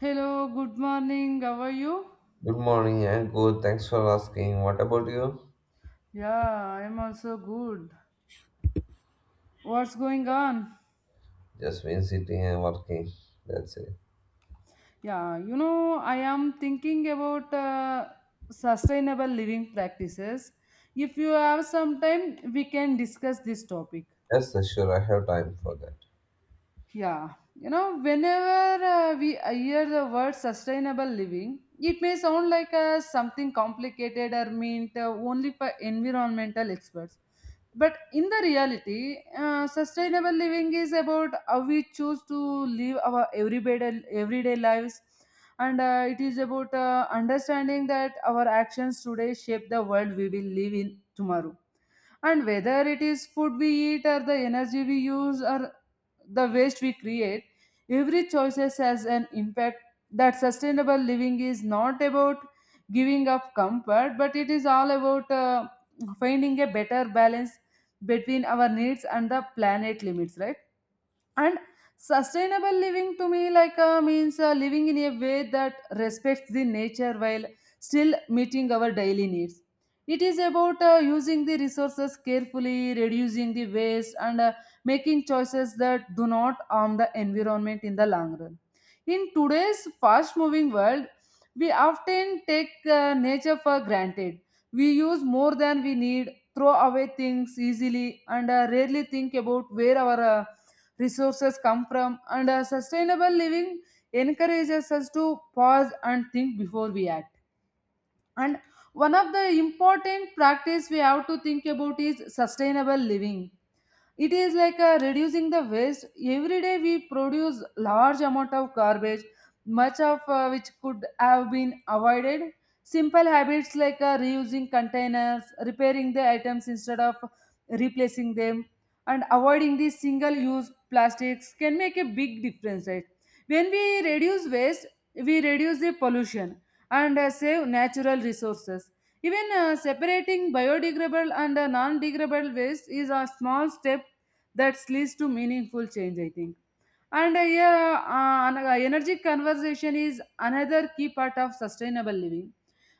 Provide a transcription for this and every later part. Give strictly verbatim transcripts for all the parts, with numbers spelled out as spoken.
Hello, good morning. How are you? Good morning and good. Thanks for asking. What about you? Yeah, I'm also good. What's going on? Just been sitting and working. That's it. Yeah, you know, I am thinking about uh, sustainable living practices. If you have some time, we can discuss this topic. Yes, sir, sure. I have time for that. Yeah, you know, whenever uh, we hear the word sustainable living, it may sound like uh, something complicated or meant uh, only for environmental experts. But in the reality, uh, sustainable living is about how we choose to live our everyday, everyday lives. And uh, it is about uh, understanding that our actions today shape the world we will live in tomorrow, and whether it is food we eat or the energy we use or the waste we create, every choice has an impact. That sustainable living is not about giving up comfort, but it is all about uh, finding a better balance between our needs and the planet limits, right? And sustainable living to me, like uh, means uh, living in a way that respects the nature while still meeting our daily needs. It is about uh, using the resources carefully, reducing the waste, and uh, making choices that do not harm the environment in the long run. In today's fast moving world, we often take uh, nature for granted. We use more than we need, throw away things easily, and uh, rarely think about where our uh, resources come from. And a sustainable living encourages us to pause and think before we act. And one of the important practice we have to think about is sustainable living. It is like uh, reducing the waste. Every day we produce large amount of garbage, much of uh, which could have been avoided. Simple habits like uh, reusing containers, repairing the items instead of replacing them, and avoiding these single use plastics can make a big difference, right? When we reduce waste, we reduce the pollution and uh, save natural resources. Even uh, separating biodegradable and uh, non-degradable waste is a small step that leads to meaningful change, I think. And uh, yeah, uh, an- uh, energy conservation is another key part of sustainable living.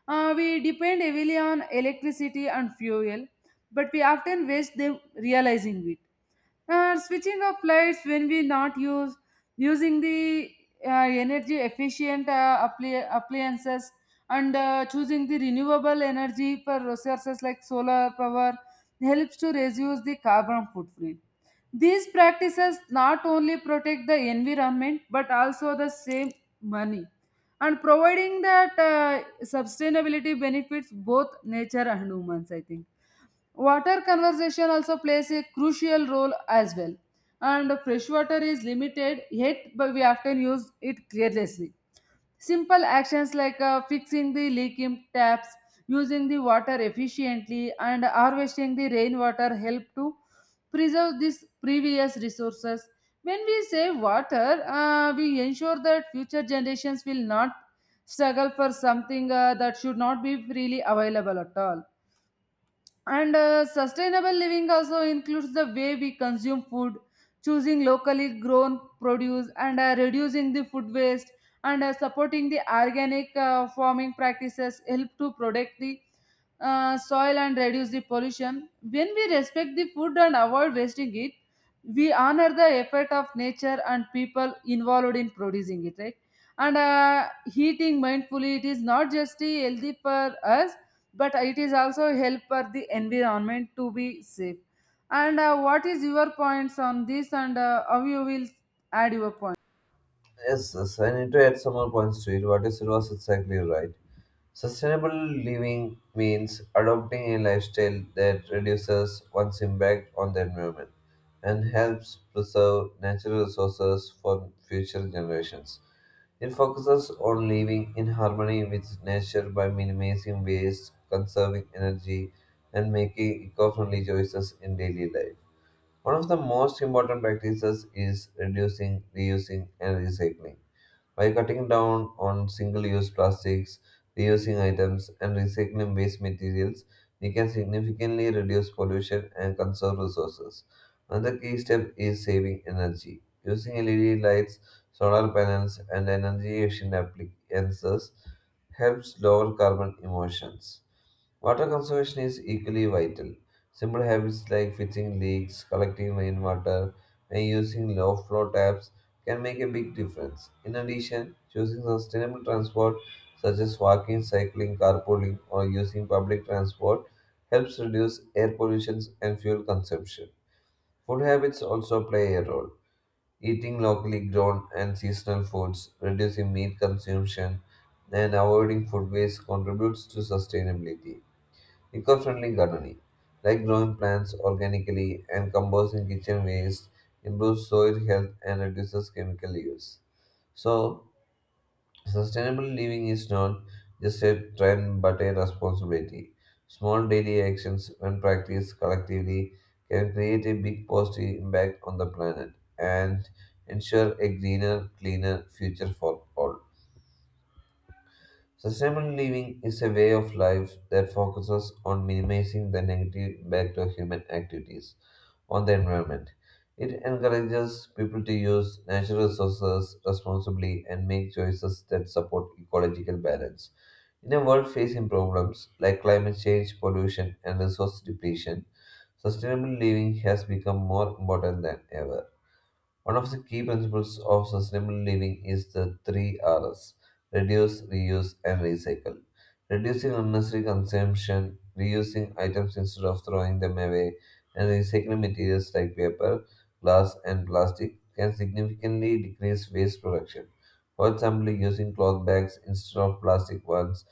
Uh, we depend heavily on electricity and fuel, but we often waste them realizing it. And switching off lights when we not use, using the uh, energy efficient uh, appli- appliances, and uh, choosing the renewable energy for resources like solar power helps to reduce the carbon footprint. These practices not only protect the environment but also the same money and providing that uh, sustainability benefits both nature and humans, I think. Water conservation also plays a crucial role as well. And fresh water is limited, yet but we often use it carelessly. Simple actions like uh, fixing the leaking taps, using the water efficiently, and harvesting the rainwater help to preserve these previous resources. When we save water, uh, we ensure that future generations will not struggle for something uh, that should not be freely available at all. And uh, sustainable living also includes the way we consume food, choosing locally grown produce, and uh, reducing the food waste, and uh, supporting the organic uh, farming practices help to protect the uh, soil and reduce the pollution. When we respect the food and avoid wasting it, we honor the effort of nature and people involved in producing it, right? And uh, eating mindfully, it is not just healthy for us but it is also help for the environment to be safe. And uh, what is your points on this, and uh, how you will add your point? Yes, yes. I need to add some more points to it. What you said was exactly right. Sustainable living means adopting a lifestyle that reduces one's impact on the environment and helps preserve natural resources for future generations. It focuses on living in harmony with nature by minimizing waste, conserving energy, and making eco friendly choices in daily life. One of the most important practices is reducing, reusing, and recycling. By cutting down on single use plastics, reusing items, and recycling waste materials, we can significantly reduce pollution and conserve resources. Another key step is saving energy. Using L E D lights, solar panels, and energy efficient appliances helps lower carbon emissions. Water conservation is equally vital. Simple habits like fixing leaks, collecting rainwater, and using low flow taps can make a big difference. In addition, choosing sustainable transport such as walking, cycling, carpooling, or using public transport helps reduce air pollution and fuel consumption. Food habits also play a role. Eating locally grown and seasonal foods, reducing meat consumption, and avoiding food waste contributes to sustainability. Eco-friendly gardening, like growing plants organically and composting kitchen waste, improves soil health and reduces chemical use. So, sustainable living is not just a trend but a responsibility. Small daily actions, when practiced collectively, can create a big positive impact on the planet and ensure a greener, cleaner future for all. Sustainable living is a way of life that focuses on minimizing the negative impact of human activities on the environment. It encourages people to use natural resources responsibly and make choices that support ecological balance. In a world facing problems like climate change, pollution, and resource depletion, sustainable living has become more important than ever. One of the key principles of sustainable living is the three R's reduce, reuse, and recycle. Reducing unnecessary consumption, reusing items instead of throwing them away, and recycling materials like paper, glass, and plastic can significantly decrease waste production. For example, using cloth bags instead of plastic ones,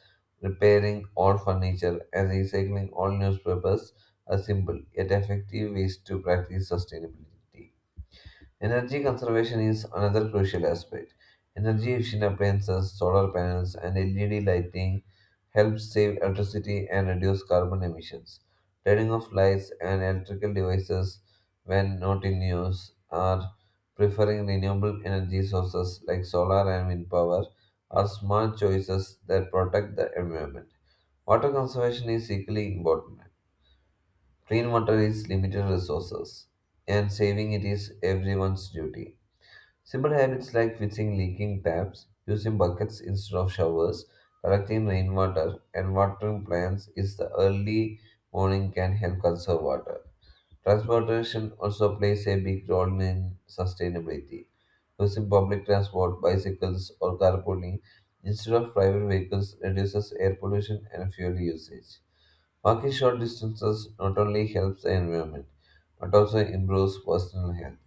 repairing old furniture, and recycling old newspapers are simple yet effective ways to practice sustainability. Energy conservation is another crucial aspect. Energy efficient appliances, solar panels, and L E D lighting help save electricity and reduce carbon emissions. Turning off lights and electrical devices when not in use are preferring renewable energy sources like solar and wind power are smart choices that protect the environment. Water conservation is equally important. Clean water is limited resources, and saving it is everyone's duty. Simple habits like fixing leaking taps, using buckets instead of showers, collecting rainwater, and watering plants is the early morning can help conserve water. Transportation also plays a big role in sustainability. Using public transport, bicycles, or carpooling instead of private vehicles reduces air pollution and fuel usage. Walking short distances not only helps the environment but also improves personal health.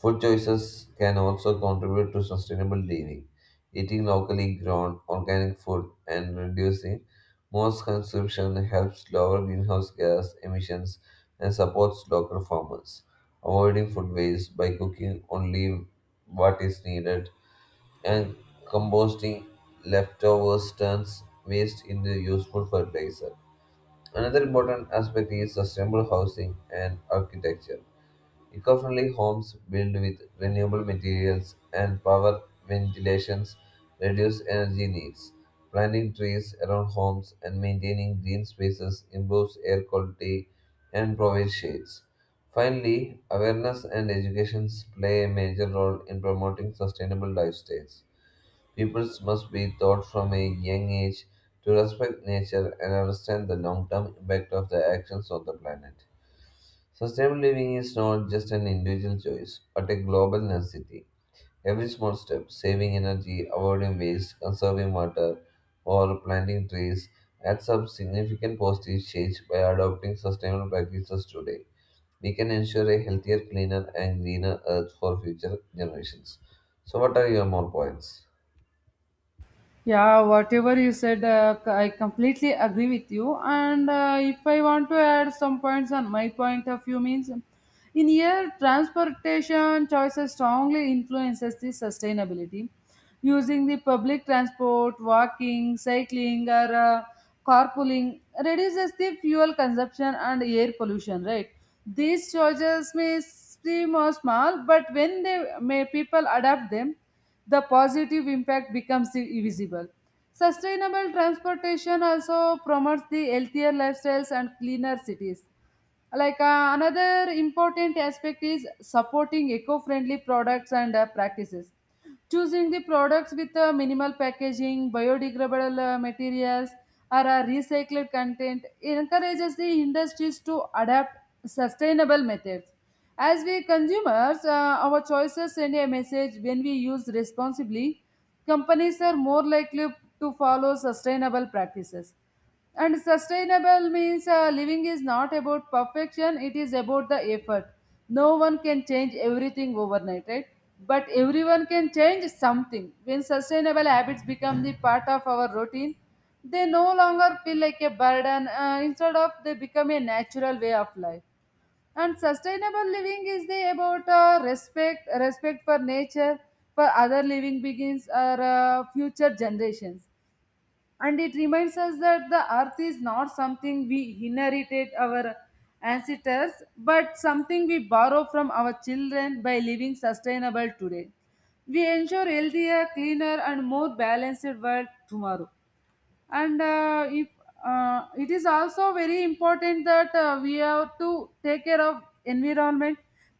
Food choices can also contribute to sustainable living. Eating locally grown organic food and reducing most consumption helps lower greenhouse gas emissions and supports local farmers. Avoiding food waste by cooking only what is needed and composting leftovers turns waste into useful fertilizer. Another important aspect is sustainable housing and architecture. Eco-friendly homes built with renewable materials and power ventilations reduce energy needs. Planting trees around homes and maintaining green spaces improves air quality and provides shades. Finally, awareness and education play a major role in promoting sustainable lifestyles. People must be taught from a young age to respect nature and understand the long-term impact of their actions on the planet. Sustainable living is not just an individual choice, but a global necessity. Every small step, saving energy, avoiding waste, conserving water, or planting trees, adds up significant positive change by adopting sustainable practices today. We can ensure a healthier, cleaner, and greener earth for future generations. So, what are your more points? Yeah, whatever you said, uh, c- I completely agree with you. And uh, if I want to add some points on my point of view, means um, in here, transportation choices strongly influences the sustainability. Using the public transport, walking, cycling, or uh, carpooling reduces the fuel consumption and air pollution. Right? These choices may seem uh, small, but when they may people adapt them, the positive impact becomes i- visible. Sustainable transportation also promotes the healthier lifestyles and cleaner cities. like uh, another important aspect is supporting eco-friendly products and uh, practices, choosing the products with uh, minimal packaging, biodegradable uh, materials, or uh, recycled content encourages the industries to adapt sustainable methods. As we consumers, uh, our choices send a message. When we use responsibly, companies are more likely to follow sustainable practices. And sustainable means uh, living is not about perfection, it is about the effort. No one can change everything overnight, right? But everyone can change something. When sustainable habits become the part of our routine, they no longer feel like a burden. Uh, instead of, they become a natural way of life. And sustainable living is the about uh, respect, respect for nature, for other living beings or uh, future generations. And it reminds us that the earth is not something we inherited our ancestors, but something we borrow from our children. By living sustainable today, we ensure healthier, cleaner, and more balanced world tomorrow. And uh, if uh, it is also very important that uh, we have to take care of environment.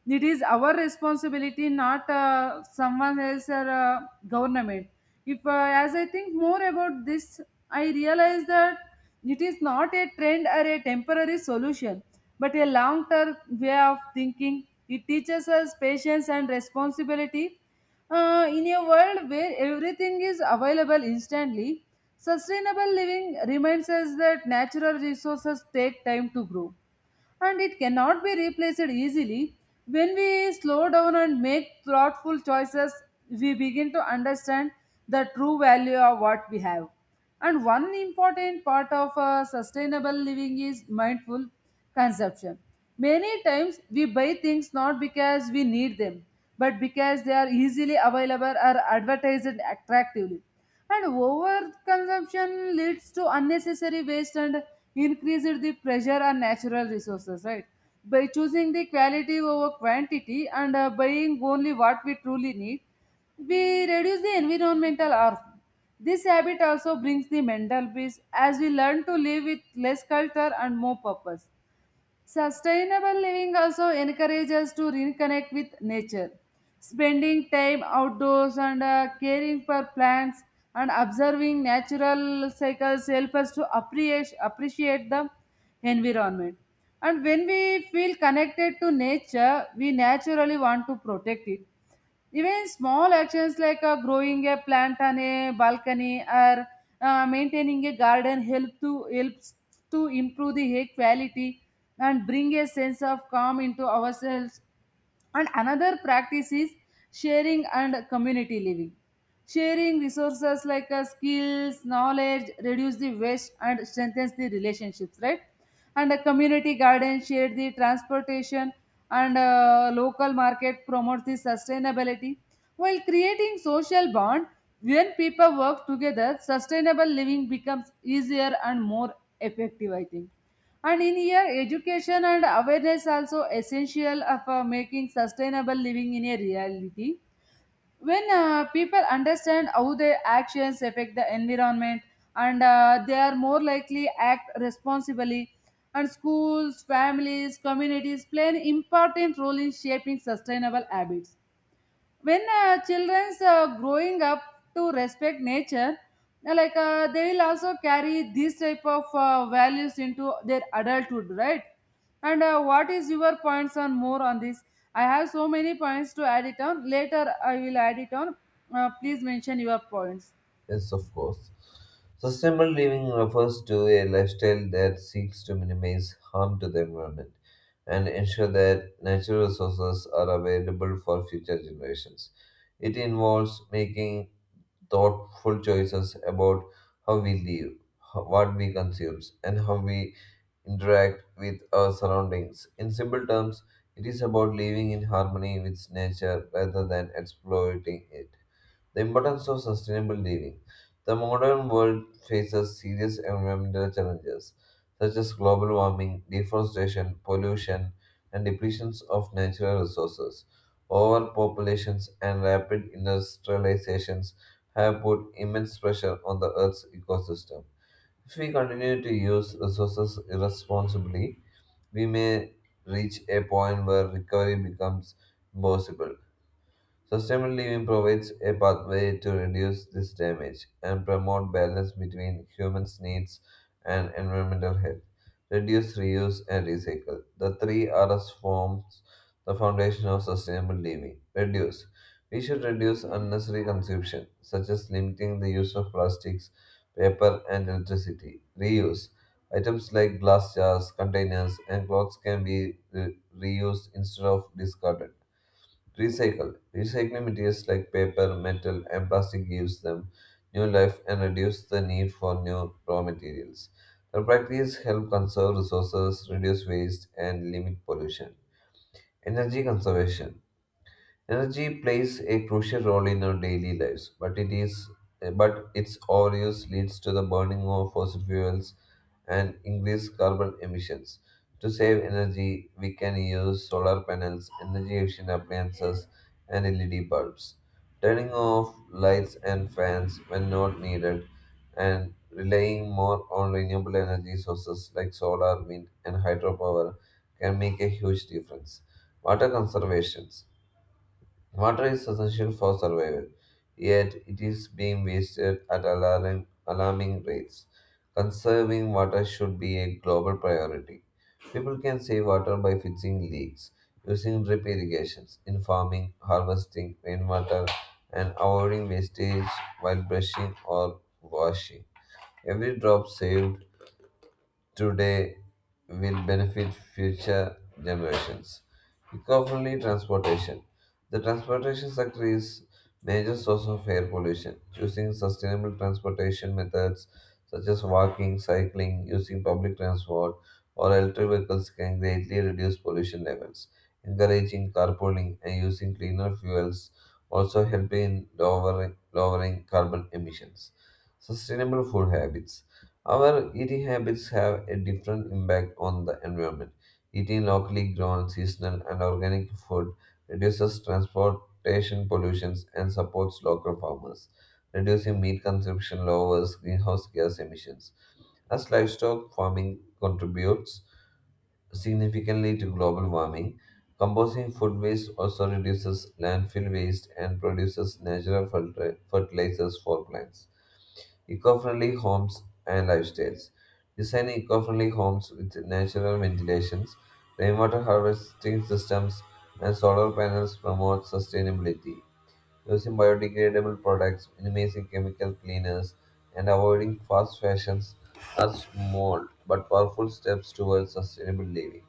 It is our responsibility, not uh, someone else or uh, government. If uh, as I think more about this, I realize that it is not a trend or a temporary solution, but a long term way of thinking. It teaches us patience and responsibility. Uh, in a world where everything is available instantly, sustainable living reminds us that natural resources take time to grow and it cannot be replaced easily. When we slow down and make thoughtful choices, we begin to understand the true value of what we have. And one important part of uh, sustainable living is mindful consumption. Many times we buy things not because we need them, but because they are easily available or advertised attractively. And overconsumption leads to unnecessary waste and increased the pressure on natural resources, right? By choosing the quality over quantity and uh, buying only what we truly need, we reduce the environmental harm. This habit also brings the mental peace as we learn to live with less culture and more purpose. Sustainable living also encourages us to reconnect with nature. Spending time outdoors and uh, caring for plants and observing natural cycles help us to appreciate, appreciate the environment. And when we feel connected to nature, we naturally want to protect it. Even small actions like uh, growing a plant on a balcony or uh, maintaining a garden help to helps to improve the air quality and bring a sense of calm into ourselves. And another practice is sharing and community living. Sharing resources like uh, skills, knowledge, reduce the waste and strengthens the relationships, right? And a community garden share the transportation and uh, local market promotes the sustainability. While creating social bond, when people work together, sustainable living becomes easier and more effective, I think. And in here, education and awareness also essential of uh, making sustainable living in a reality. When uh, people understand how their actions affect the environment, and uh, they are more likely act responsibly. And schools, families, communities play an important role in shaping sustainable habits. When uh, children's uh, growing up to respect nature, uh, like uh, they will also carry these type of uh, values into their adulthood, right? And uh, what is your points on more on this? I have so many points to add it on. Later I will add it on. Uh, please mention your points. Yes, of course. Sustainable living refers to a lifestyle that seeks to minimize harm to the environment and ensure that natural resources are available for future generations. It involves making thoughtful choices about how we live, ho- what we consume, and how we interact with our surroundings. In simple terms, it is about living in harmony with nature rather than exploiting it. The importance of sustainable living. The modern world faces serious environmental challenges such as global warming, deforestation, pollution, and depletions of natural resources. Overpopulations and rapid industrializations have put immense pressure on the Earth's ecosystem. If we continue to use resources irresponsibly, we may reach a point where recovery becomes impossible. Sustainable living provides a pathway to reduce this damage and promote balance between humans' needs and environmental health. Reduce, reuse, and recycle. The three R's forms the foundation of sustainable living. Reduce. We should reduce unnecessary consumption, such as limiting the use of plastics, paper, and electricity. Reuse. Items like glass jars, containers, and clothes can be re- reused instead of discarded Recycle. Recycling materials like paper, metal, and plastic gives them new life and reduce the need for new raw materials. The practice help conserve resources, reduce waste, and limit pollution. Energy conservation. Energy plays a crucial role in our daily lives, but it is but its overuse leads to the burning of fossil fuels and increase carbon emissions. To save energy, we can use solar panels, energy efficient appliances, and L E D bulbs. Turning off lights and fans when not needed, and relying more on renewable energy sources like solar, wind, and hydropower can make a huge difference. Water conservation. Water is essential for survival, yet it is being wasted at alarming, alarming rates. Conserving water should be a global priority. People can save water by fixing leaks, using drip irrigations in farming, harvesting rainwater, and avoiding wastage while brushing or washing. Every drop saved today will benefit future generations. Eco-friendly transportation. The transportation sector is major source of air pollution. Choosing sustainable transportation methods such as walking, cycling, using public transport, or electric vehicles can greatly reduce pollution levels. Encouraging carpooling and using cleaner fuels also help in lowering, lowering carbon emissions. Sustainable food habits. Our eating habits have a different impact on the environment. Eating locally grown, seasonal, and organic food reduces transportation pollution and supports local farmers. Reducing meat consumption lowers greenhouse gas emissions. As livestock farming contributes significantly to global warming, composting food waste also reduces landfill waste and produces natural fertil- fertilizers for plants. Eco-friendly homes and lifestyles. Design eco-friendly homes with natural ventilations, rainwater harvesting systems, and solar panels promote sustainability. Using biodegradable products, minimizing chemical cleaners, and avoiding fast fashions are small but powerful steps towards sustainable living.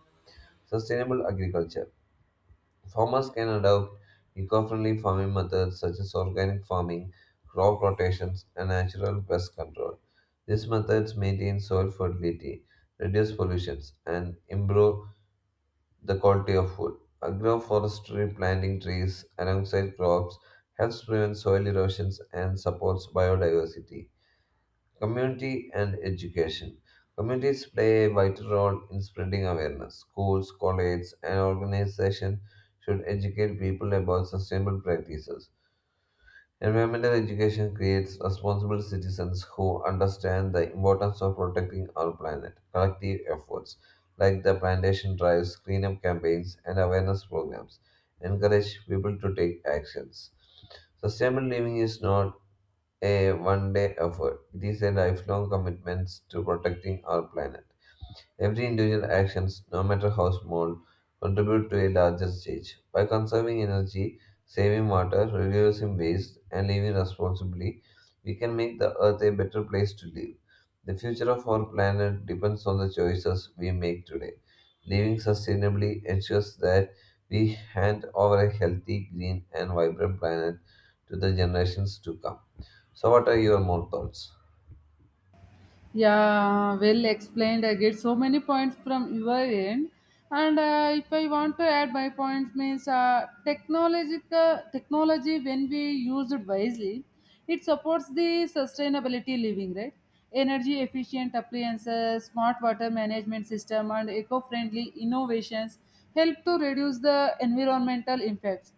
Sustainable agriculture. Farmers can adopt eco-friendly farming methods such as organic farming, crop rotations, and natural pest control. These methods maintain soil fertility, reduce pollution, and improve the quality of food. Agroforestry planting trees alongside crops helps prevent soil erosions and supports biodiversity. Community and education. Communities play a vital role in spreading awareness. Schools, colleges, and organizations should educate people about sustainable practices. Environmental education creates responsible citizens who understand the importance of protecting our planet. Collective efforts like the plantation drives, cleanup campaigns, and awareness programs encourage people to take actions. Sustainable living is not a one day effort. It is a lifelong commitment to protecting our planet. Every individual actions, no matter how small, contribute to a larger change. By conserving energy, saving water, reducing waste, and living responsibly, we can make the earth a better place to live. The future of our planet depends on the choices we make today. Living sustainably ensures that we hand over a healthy, green, and vibrant planet to the generations to come. So, what are your more thoughts? Yeah, well explained. I get so many points from your end. And uh, if I want to add my points, means uh, technological technology when we use it wisely, it supports the sustainability living, right? Energy efficient appliances, smart water management system, and eco-friendly innovations help to reduce the environmental impacts.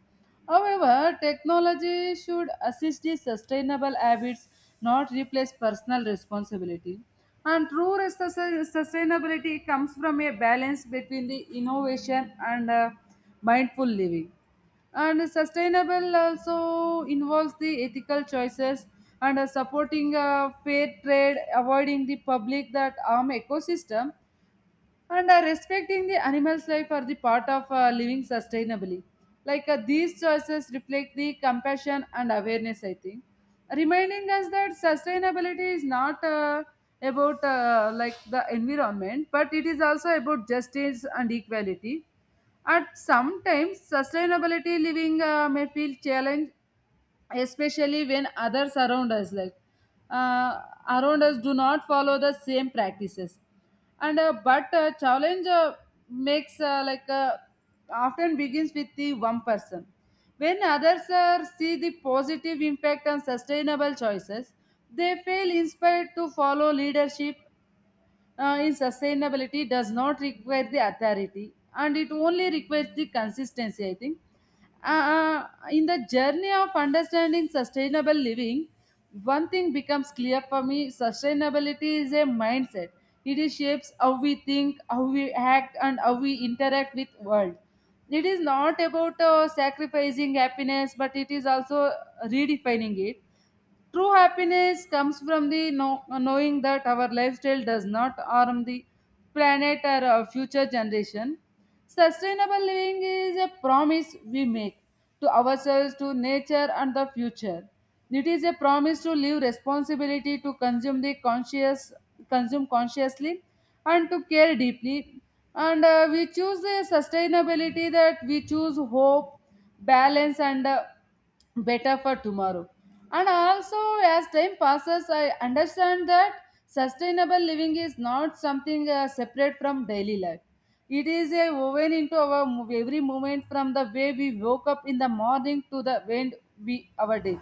However, technology should assist the sustainable habits, not replace personal responsibility. And true res- sus- sustainability comes from a balance between the innovation and uh, mindful living. And sustainable also involves the ethical choices and uh, supporting uh, fair trade, avoiding the public that harm ecosystem, and uh, respecting the animal's life are the part of uh, living sustainably like uh, these choices reflect the compassion and awareness I think, reminding us that sustainability is not uh, about uh, like the environment, but it is also about justice and equality. At sometimes sustainability living uh, may feel challenge, especially when others around us like uh, around us do not follow the same practices. And uh, but uh, challenge uh, makes uh, like uh, Often begins with the one person. When others uh, see the positive impact and sustainable choices, they feel inspired to follow leadership. Uh, in sustainability does not require the authority, and it only requires the consistency, I think. Uh, uh, in the journey of understanding sustainable living, one thing becomes clear for me: sustainability is a mindset. It is shapes how we think, how we act, and how we interact with world. It is not about uh, sacrificing happiness, but it is also redefining it. True happiness comes from the know- knowing that our lifestyle does not harm the planet or our future generation. Sustainable living is a promise we make to ourselves, to nature, and the future. It is a promise to live responsibility, to consume the conscious, consume consciously, and to care deeply. And uh, we choose the sustainability that we choose hope, balance, and uh, better for tomorrow. And also, as time passes, I understand that sustainable living is not something uh, separate from daily life. It is a woven into our mov- every moment, from the way we woke up in the morning to the end we our day.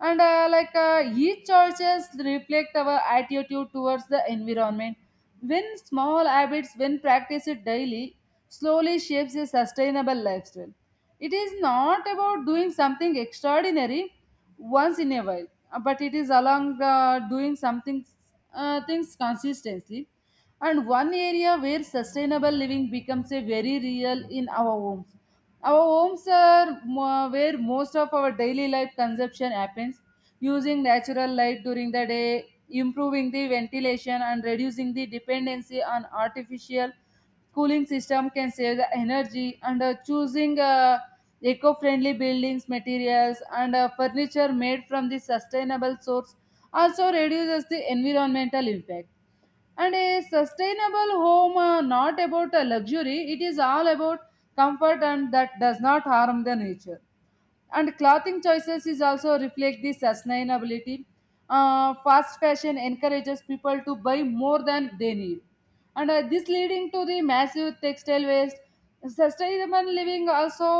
And uh, like uh, each choices reflect our attitude towards the environment. When small habits, when practiced daily, slowly shapes a sustainable lifestyle. It is not about doing something extraordinary once in a while, uh, but it is along uh, doing something uh, things consistently. And one area where sustainable living becomes a very real in our homes. Our homes are mo- where most of our daily life consumption happens, using natural light during the day, improving the ventilation, and reducing the dependency on artificial cooling system can save the energy. And uh, choosing uh, eco-friendly buildings materials and uh, furniture made from the sustainable source also reduces the environmental impact. And a sustainable home uh, not about a luxury, it is all about comfort and that does not harm the nature. And clothing choices is also reflect the sustainability. Uh, fast fashion encourages people to buy more than they need, and uh, this leading to the massive textile waste. Sustainable living also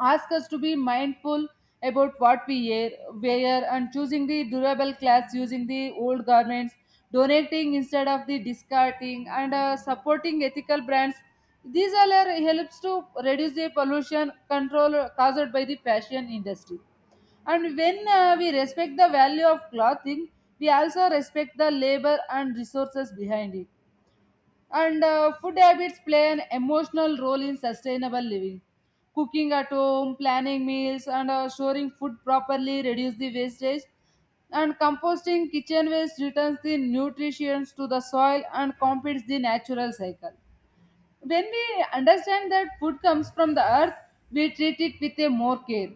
ask us to be mindful about what we wear, wear and choosing the durable clothes, using the old garments, donating instead of the discarding, and uh, supporting ethical brands. These all are helps to reduce the pollution control caused by the fashion industry. And when uh, we respect the value of clothing, we also respect the labor and resources behind it. And uh, food habits play an emotional role in sustainable living. Cooking at home, planning meals, and uh, storing food properly reduce the wastage. And composting kitchen waste returns the nutrients to the soil and completes the natural cycle. When we understand that food comes from the earth, we treat it with a more care.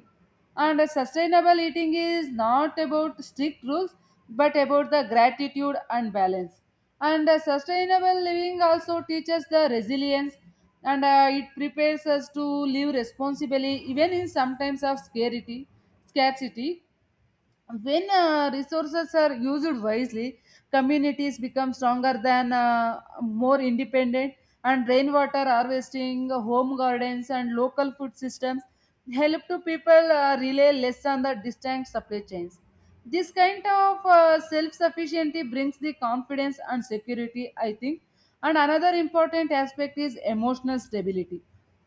And a sustainable eating is not about strict rules, but about the gratitude and balance. And a sustainable living also teaches the resilience, and uh, it prepares us to live responsibly, even in some times of scarcity. Scarcity, when uh, resources are used wisely, communities become stronger than uh, more independent. And rainwater harvesting, home gardens, and local food systems help to people uh, rely less on the distant supply chains. This kind of uh, self-sufficiency brings the confidence and security, I think. And another important aspect is emotional stability.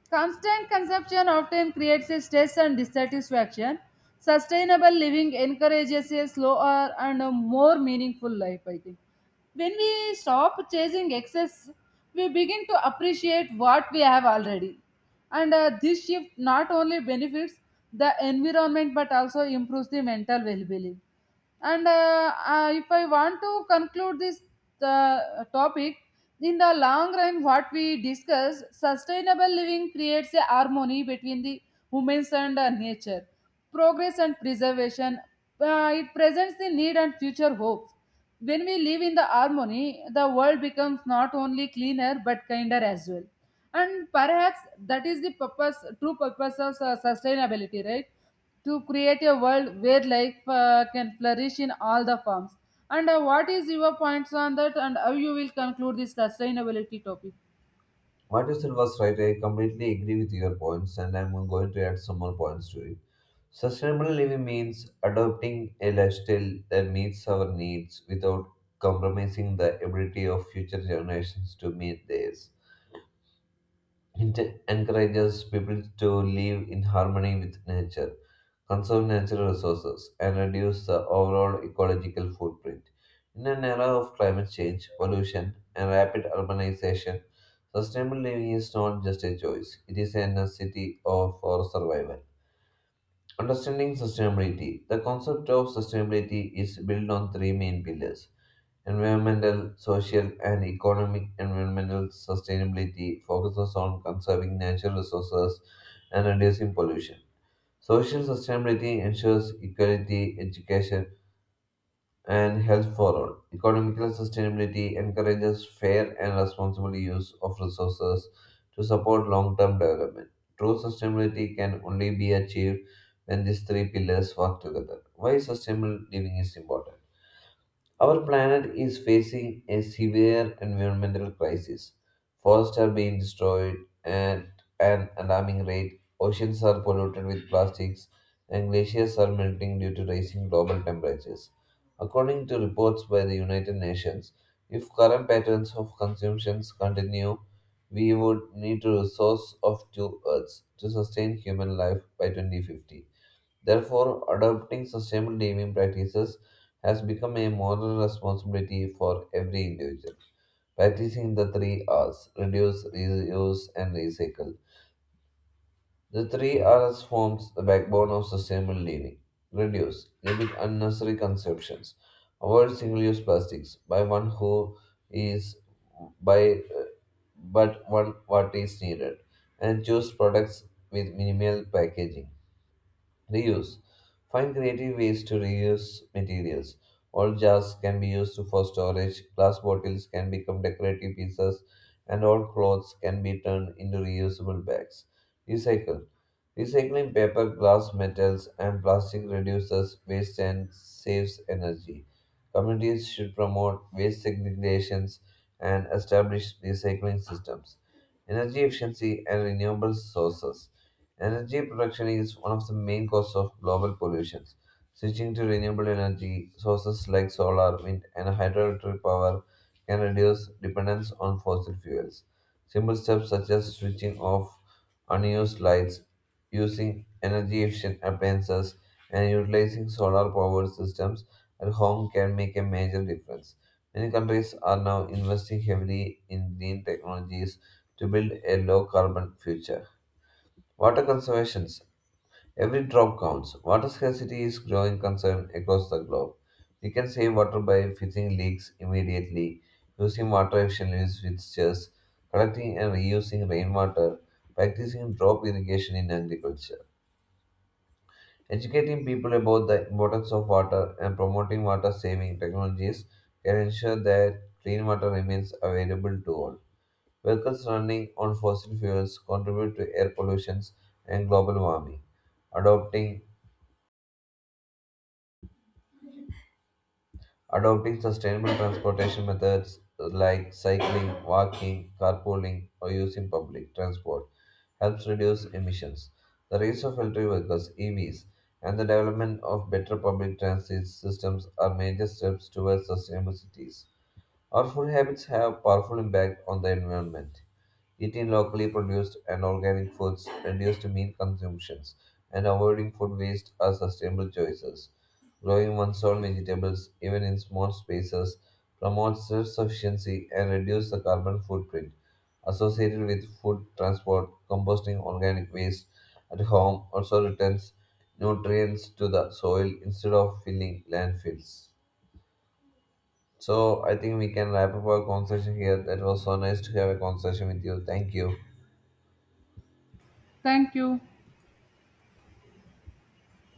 Constant consumption often creates stress and dissatisfaction. Sustainable living encourages a slower and a more meaningful life, I think. When we stop chasing excess, we begin to appreciate what we have already. And uh, this shift not only benefits the environment but also improves the mental well being. And uh, uh, if I want to conclude this uh, topic, in the long run, what we discuss, sustainable living creates a harmony between the humans and uh, nature, progress and preservation. Uh, it presents the need and future hopes. When we live in the harmony, the world becomes not only cleaner but kinder as well. And perhaps that is the purpose, true purpose of uh, sustainability, right? To create a world where life uh, can flourish in all the forms. And uh, what is your points on that, and how you will conclude this sustainability topic? What you said was right. I completely agree with your points, and I'm going to add some more points to it. Sustainable living means adopting a lifestyle that meets our needs without compromising the ability of future generations to meet theirs. It encourages people to live in harmony with nature conserve natural resources, and reduce the overall ecological footprint. In an era of climate change, pollution, and rapid urbanization, sustainable living is not just a choice, it is a necessity of- for survival. Understanding sustainability. The concept of sustainability is built on three main pillars environmental, social, and economic. Environmental sustainability focuses on conserving natural resources and reducing pollution. Social sustainability ensures equality, education, and health for all. Economical sustainability encourages fair and responsible use of resources to support long term development. True sustainability can only be achieved when these three pillars work together. Why sustainable living is important? Our planet is facing a severe environmental crisis. Forests are being destroyed at an alarming rate. Oceans are polluted with plastics, and glaciers are melting due to rising global temperatures. According to reports by the United Nations, if current patterns of consumptions continue, we would need a resource of two Earths to sustain human life by twenty fifty. Therefore, adopting sustainable living practices has become a moral responsibility for every individual. Practicing the three R's reduce, reuse, and recycle. The three R's forms the backbone of sustainable living. Reduce, limit unnecessary consumptions. Avoid single use plastics by one who is by uh, but one what is needed and choose products with minimal packaging Reuse. Find creative ways to reuse materials. Old jars can be used for storage, glass bottles can become decorative pieces, and old clothes can be turned into reusable bags. Recycle. Recycling paper, glass, metals, and plastic reduces waste and saves energy. Communities should promote waste segregations and establish recycling systems. Energy efficiency and renewable sources. Energy production is one of the main causes of global pollution. Switching to renewable energy sources like solar, wind, and hydroelectric power can reduce dependence on fossil fuels. Simple steps such as switching off unused lights, using energy efficient appliances, and utilizing solar powered systems at home can make a major difference. Many countries are now investing heavily in green technologies to build a low carbon future. Water conservations. Every drop counts. Water scarcity is growing concern across the globe. We can save water by fixing leaks immediately, using water efficiently fixtures, collecting and reusing rainwater, practicing drop irrigation in agriculture. Educating people about the importance of water and promoting water saving technologies can ensure that clean water remains available to all. Vehicles running on fossil fuels contribute to air pollution and global warming. Adopting adopting sustainable transportation methods like cycling, walking, carpooling, or using public transport helps reduce emissions. The rise of electric vehicles (E Vs) and the development of better public transit systems are major steps towards sustainable cities. Our food habits have powerful impact on the environment. Eating locally produced and organic foods, reduced meat consumptions, and avoiding food waste are sustainable choices. Growing one's own vegetables, even in small spaces, promotes self sufficiency and reduces the carbon footprint associated with food transport. Composting organic waste at home also returns nutrients to the soil instead of filling landfills. So, I think we can wrap up our conversation here. That was so nice to have a conversation with you. Thank you. Thank you.